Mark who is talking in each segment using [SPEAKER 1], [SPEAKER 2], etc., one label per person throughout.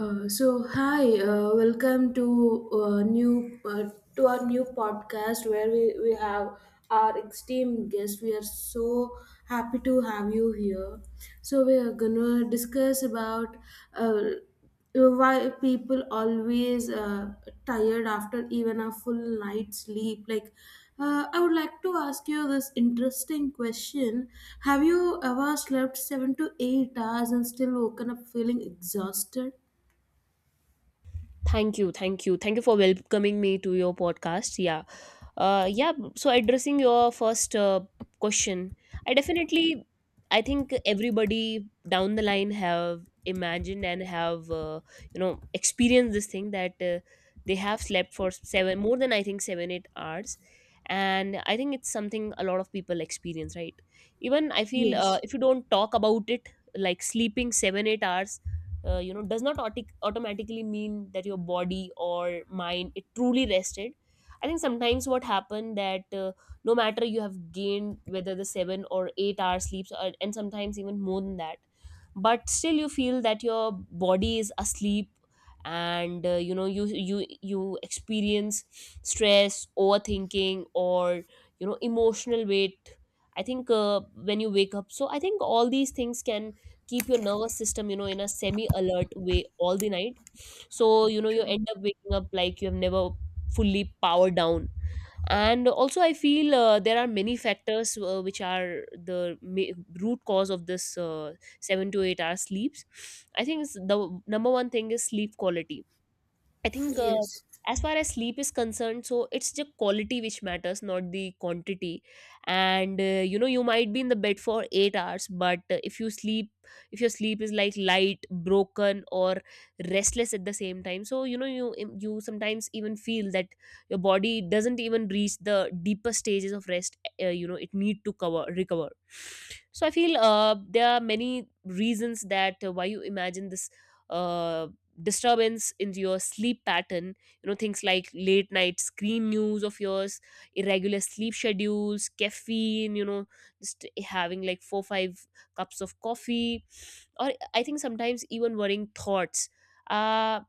[SPEAKER 1] So hi, welcome to new to our new podcast where we have our esteemed guest. We are so happy to have you here. So we are gonna discuss about uh, why people always tired after even a full night's sleep. I would like to ask you this interesting question: Have you ever slept 7 to 8 hours and still woken up feeling exhausted?
[SPEAKER 2] Thank you, thank you, thank you for welcoming me to your podcast. Yeah, yeah. So addressing your first question, I definitely, I think everybody down the line have imagined and have experienced this thing that they have slept for seven more than I think 7 8 hours, and I think it's something a lot of people experience, right? Even I feel
[SPEAKER 1] Yes,
[SPEAKER 2] if you don't talk about it, like sleeping 7 8 hours does not automatically mean that your body or mind it truly rested. I think sometimes what happened that no matter you have gained whether the 7 or 8-hour sleeps or, and sometimes even more than that, but still you feel that your body is asleep. And you experience stress, overthinking, or you know, emotional weight. I think when you wake up, so I think all these things can keep your nervous system, you know, in a semi alert way all the night. So you know, you
[SPEAKER 1] true.
[SPEAKER 2] end up waking up like you have never fully powered down. And also I feel there are many factors which are the root cause of this 7 to 8 hour sleeps. I think it's the number one thing is sleep quality. I think
[SPEAKER 1] Yes.
[SPEAKER 2] as far as sleep is concerned, so it's the quality which matters, not the quantity. And you know, you might be in the bed for 8 hours, but if you sleep, if your sleep is like light, broken, or restless at the same time, so you know, you sometimes even feel that your body doesn't even reach the deeper stages of rest. It need to cover recover. So I feel there are many reasons that why you imagine this. uh Disturbance in your sleep pattern, you know, things like late night screen news of yours, irregular sleep schedules, caffeine, you know, just having like 4 5 cups of coffee, or I think sometimes even worrying thoughts. uh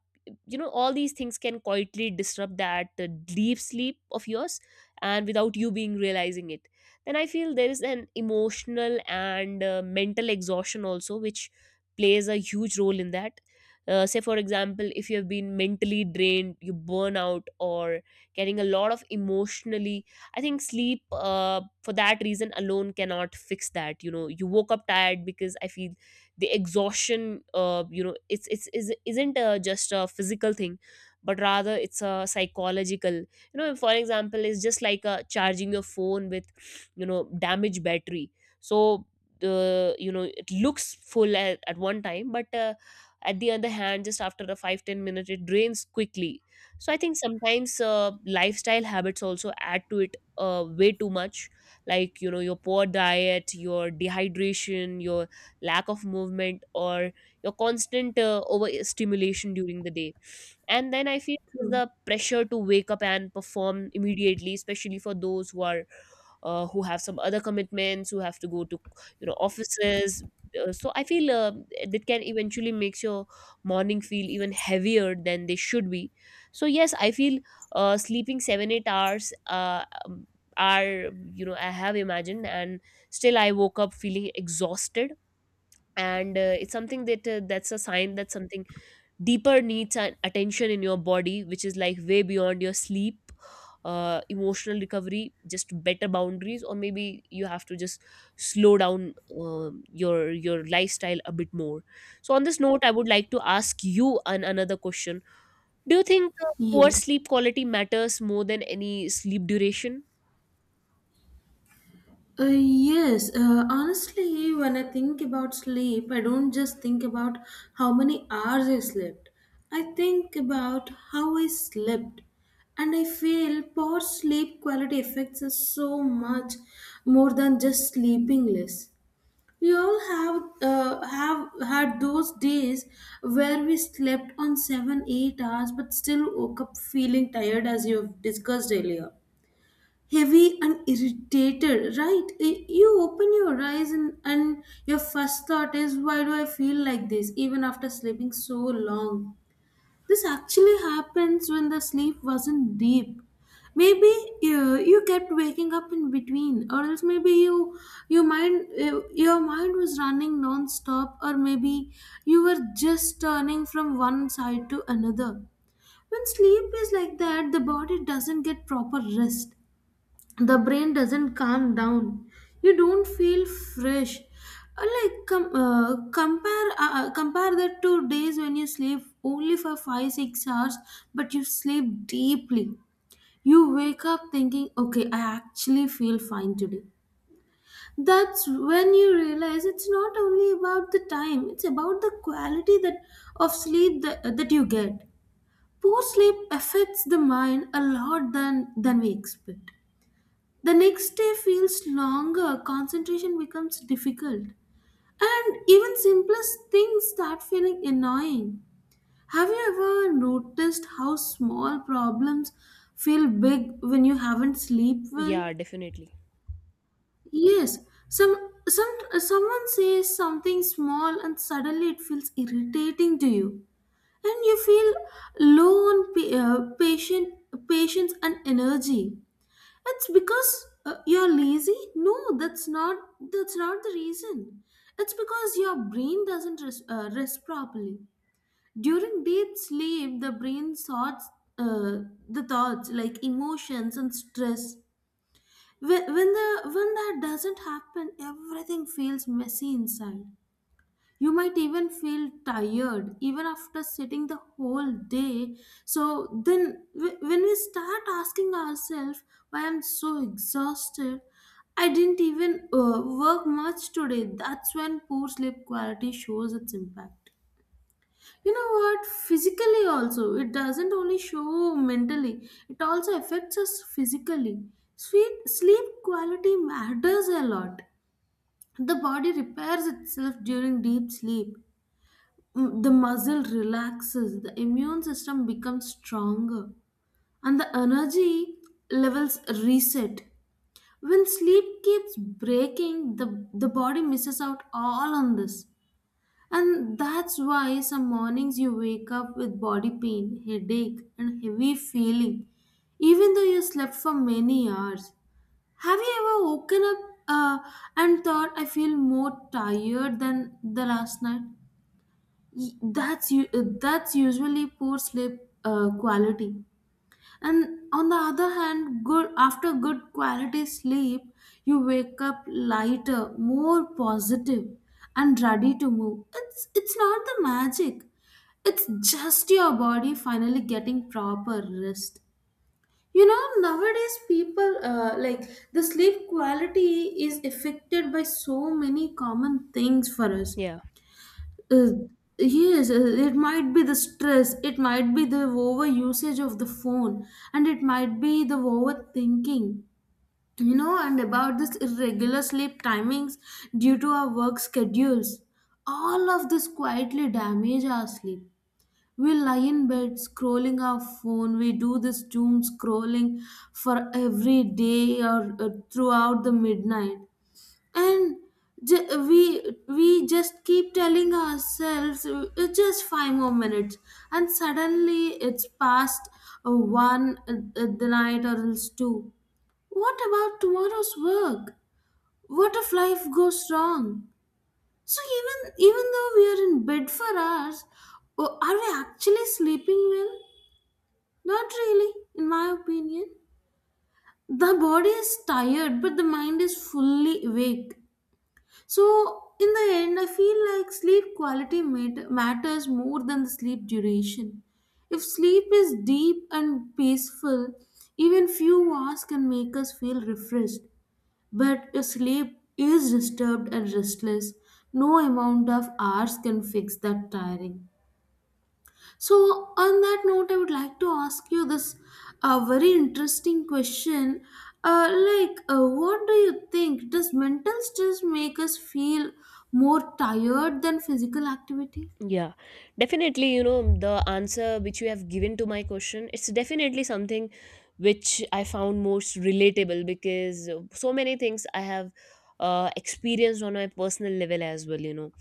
[SPEAKER 2] all these things can quietly disrupt that deep sleep of yours, and without you being realizing it. Then I feel there is an emotional and mental exhaustion also which plays a huge role in that. Say for example, if you have been mentally drained, you burn out, or carrying a lot of emotionally, I think sleep for that reason alone cannot fix that. You know, you woke up tired because I feel the exhaustion, isn't just a physical thing, but rather it's a psychological. You know, for example, it's just like charging your phone with, you know, damaged battery. So the, you know, it looks full at one time, but at the other hand, just after a five ten 10 minute, it drains quickly. So I think sometimes lifestyle habits also add to it way too much, like you know, your poor diet, your dehydration, your lack of movement, or your constant overstimulation during the day. And then I feel there's
[SPEAKER 1] True.
[SPEAKER 2] the pressure to wake up and perform immediately, especially for those who are, who have some other commitments, who have to go to, you know, offices. So I feel that can eventually makes your morning feel even heavier than they should be. So yes, I feel sleeping 7 8 hours are, you know, I have imagined and still I woke up feeling exhausted, and it's something that's a sign that something deeper needs and attention in your body, which is like way beyond your sleep. Emotional recovery, just better boundaries, or maybe you have to just slow down your lifestyle a bit more. So on this note, I would like to ask you another question. Do you think poor
[SPEAKER 1] Yes.
[SPEAKER 2] sleep quality matters more than any sleep duration?
[SPEAKER 1] Yes. Honestly, when I think about sleep, I don't just think about how many hours I slept. I think about how I slept. And I feel poor sleep quality affects us so much more than just sleeping less. We all have had those days where we slept on seven, 8 hours, but still woke up feeling tired, as you've discussed earlier, heavy and irritated. Right? You open your eyes and your first thought is, why do I feel like this, even after sleeping so long? This actually happens when the sleep wasn't deep. Maybe you kept waking up in between, or else maybe you your mind was running non-stop, or maybe you were just turning from one side to another. When sleep is like that, the body doesn't get proper rest. The brain doesn't calm down. You don't feel fresh. Like com- compare Compare that to days when you sleep only for 5 6 hours, but you sleep deeply. You wake up thinking, okay, I actually feel fine today. That's when you realize it's not only about the time, it's about the quality that of sleep that you get. Poor sleep affects the mind a lot than we expect. The next day feels longer, concentration becomes difficult, and even simplest things start feeling annoying. Have you ever noticed how small problems feel big when you haven't slept well?
[SPEAKER 2] Yeah, definitely.
[SPEAKER 1] Yes, some someone says something small and suddenly it feels irritating to you, and you feel low on pa- patient patience and energy. It's because you're lazy? No, that's not the reason. It's because your brain doesn't rest properly. During deep sleep, the brain sorts uh, the thoughts like emotions and stress. When that doesn't happen, everything feels messy inside. You might even feel tired even after sitting the whole day. So then, when we start asking ourselves, why I'm so exhausted, I didn't even work much today, that's when poor sleep quality shows its impact. You know what? Physically, also, it doesn't only show mentally, it also affects us physically. Sweet sleep quality matters a lot. The body repairs itself during deep sleep. Mm, the muscle relaxes, the immune system becomes stronger, and the energy levels reset. When sleep keeps breaking, the body misses out all on this. And that's why some mornings you wake up with body pain, headache, and heavy feeling, even though you slept for many hours. Have you ever woken up and thought, I feel more tired than the last night? Y- that's you that's usually poor sleep quality. And on the other hand, good after good quality sleep, you wake up lighter, more positive, and ready to move. It's not the magic, it's just your body finally getting proper rest. You know, nowadays people, the sleep quality is affected by so many common things for us.
[SPEAKER 2] Yeah.
[SPEAKER 1] Uh, yes, it might be the stress, it might be the over usage of the phone, and it might be the overthinking. You know, and about this irregular sleep timings due to our work schedules. All of this quietly damage our sleep. We lie in bed scrolling our phone, we do this doom scrolling for every day or throughout the midnight. And we just keep telling ourselves, just five more minutes, and suddenly it's past one the night or else two. What about tomorrow's work? What if life goes wrong? So even though we are in bed for hours, oh, are we actually sleeping well? Not really, in my opinion. The body is tired, but the mind is fully awake. So, in the end, I feel like sleep quality matters more than the sleep duration. If sleep is deep and peaceful, even few hours can make us feel refreshed. But if sleep is disturbed and restless, no amount of hours can fix that tiring. So, on that note, I would like to ask you this very interesting question. What do you think? Does mental stress make us feel more tired than physical activity?
[SPEAKER 2] Yeah, definitely. You know, the answer which you have given to my question, it's definitely something which I found most relatable, because so many things I have experienced on my personal level as well, you know.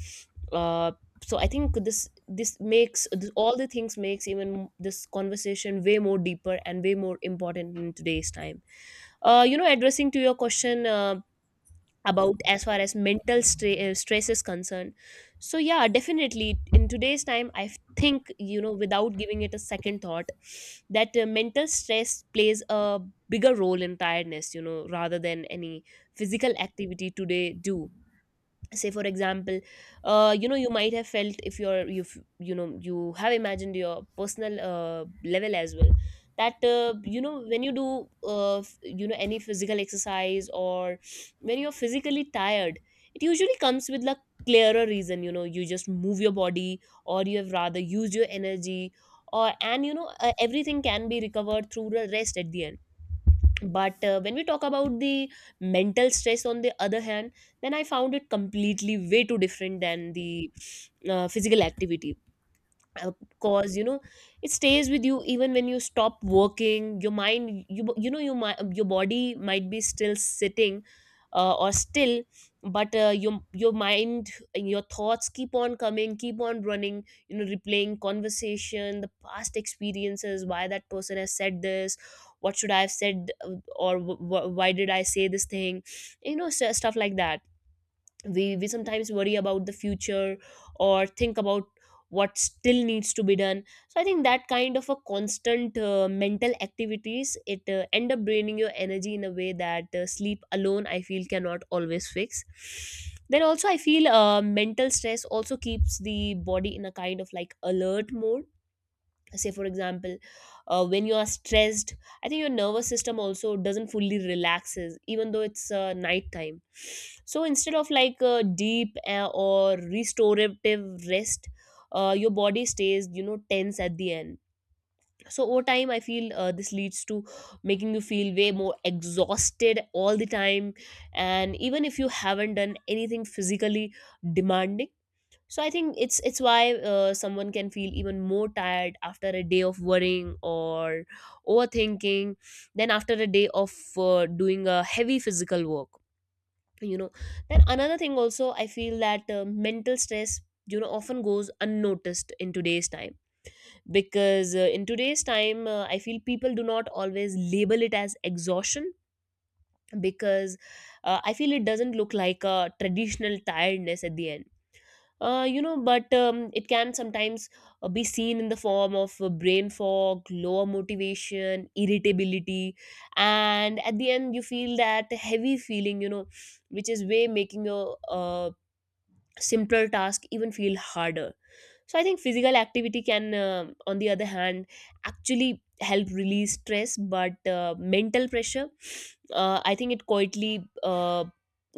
[SPEAKER 2] Uh, so I think this makes this, all the things makes even this conversation way more deeper and way more important in today's time. You know, addressing to your question, about, as far as mental stress is concerned, so yeah, definitely in today's time, I think, you know, without giving it a second thought that mental stress plays a bigger role in tiredness, you know, rather than any physical activity today do. Say for example, you know, you might have felt, if you're you, you know, you have imagined your personal level as well, that you know, when you do you know, any physical exercise, or when you're physically tired, it usually comes with a clearer reason. You know, you just move your body, or you have rather used your energy, or and you know, everything can be recovered through the rest at the end. But when we talk about the mental stress, on the other hand, then I found it completely way too different than the physical activity. uh, Cause you know, it stays with you even when you stop working your mind. You know, your body might be still sitting, or still, but your mind and your thoughts keep on coming, keep on running, you know, replaying conversation, the past experiences, why that person has said this, what should I have said, why did I say this thing, you know, stuff like that. We sometimes worry about the future, or think about what still needs to be done. So I think that kind of a constant mental activities, it end up draining your energy in a way that sleep alone, I feel, cannot always fix. Then also I feel mental stress also keeps the body in a kind of like alert mode. Say for example, when you are stressed, I think your nervous system also doesn't fully relaxes, even though it's night time. So instead of like a deep or restorative rest, your body stays, you know, tense at the end. So over time, I feel this leads to making you feel way more exhausted all the time, and even if you haven't done anything physically demanding. So I think it's why someone can feel even more tired after a day of worrying or overthinking, than after a day of doing a heavy physical work, you know. Then another thing also I feel that mental stress, you know, often goes unnoticed in today's time, because in today's time, I feel people do not always label it as exhaustion, because I feel it doesn't look like a traditional tiredness at the end. You know, but it can sometimes be seen in the form of brain fog, lower motivation, irritability, and at the end you feel that heavy feeling, you know, which is way making your simpler task even feel harder. So I think physical activity can, on the other hand, actually help release stress, but mental pressure, I think it quietly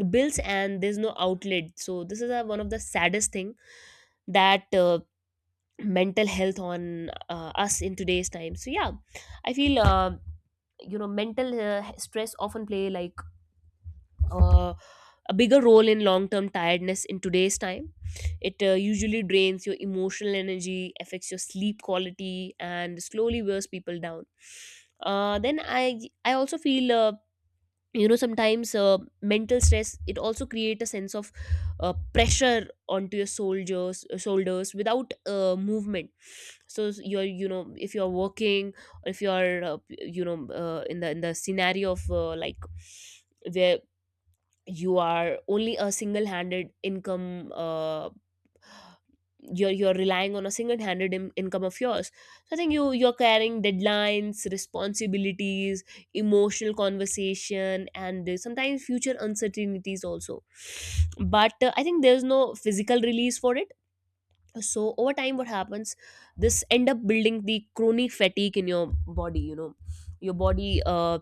[SPEAKER 2] builds, and there's no outlet. So this is one of the saddest thing that mental health on us in today's time. So yeah, I feel you know, mental stress often play like uh, a bigger role in long term tiredness in today's time. It usually drains your emotional energy, affects your sleep quality, and slowly wears people down. Then I also feel you know, sometimes mental stress, it also create a sense of pressure onto your soldiers shoulders without movement. So you're, you know, if you're working, or if you're in the scenario of like, where you are only a single handed income, you're relying on a single-handed income of yours. So I think you're carrying deadlines, responsibilities, emotional conversation, and sometimes future uncertainties also. But I think there's no physical release for it. So over time, what happens, this end up building the chronic fatigue in your body, you know. Your body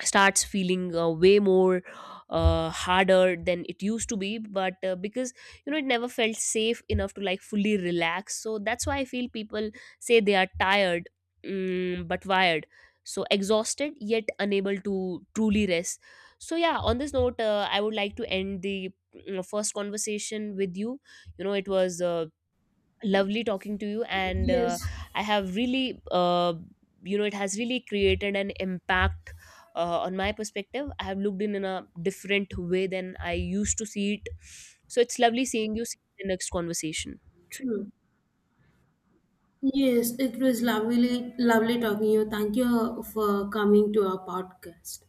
[SPEAKER 2] starts feeling way more harder than it used to be, but because, you know, it never felt safe enough to like fully relax. So that's why I feel people say they are tired, but wired, so exhausted yet unable to truly rest. So yeah, on this note, I would like to end the first conversation with you. You know, it was lovely talking to you, and
[SPEAKER 1] Yes,
[SPEAKER 2] I have really you know it has really created an impact on my perspective. I have looked in a different way than I used to see it. So it's lovely seeing you, see you in the next conversation.
[SPEAKER 1] true. Yes, it was lovely, lovely talking to you. Thank you for coming to our podcast.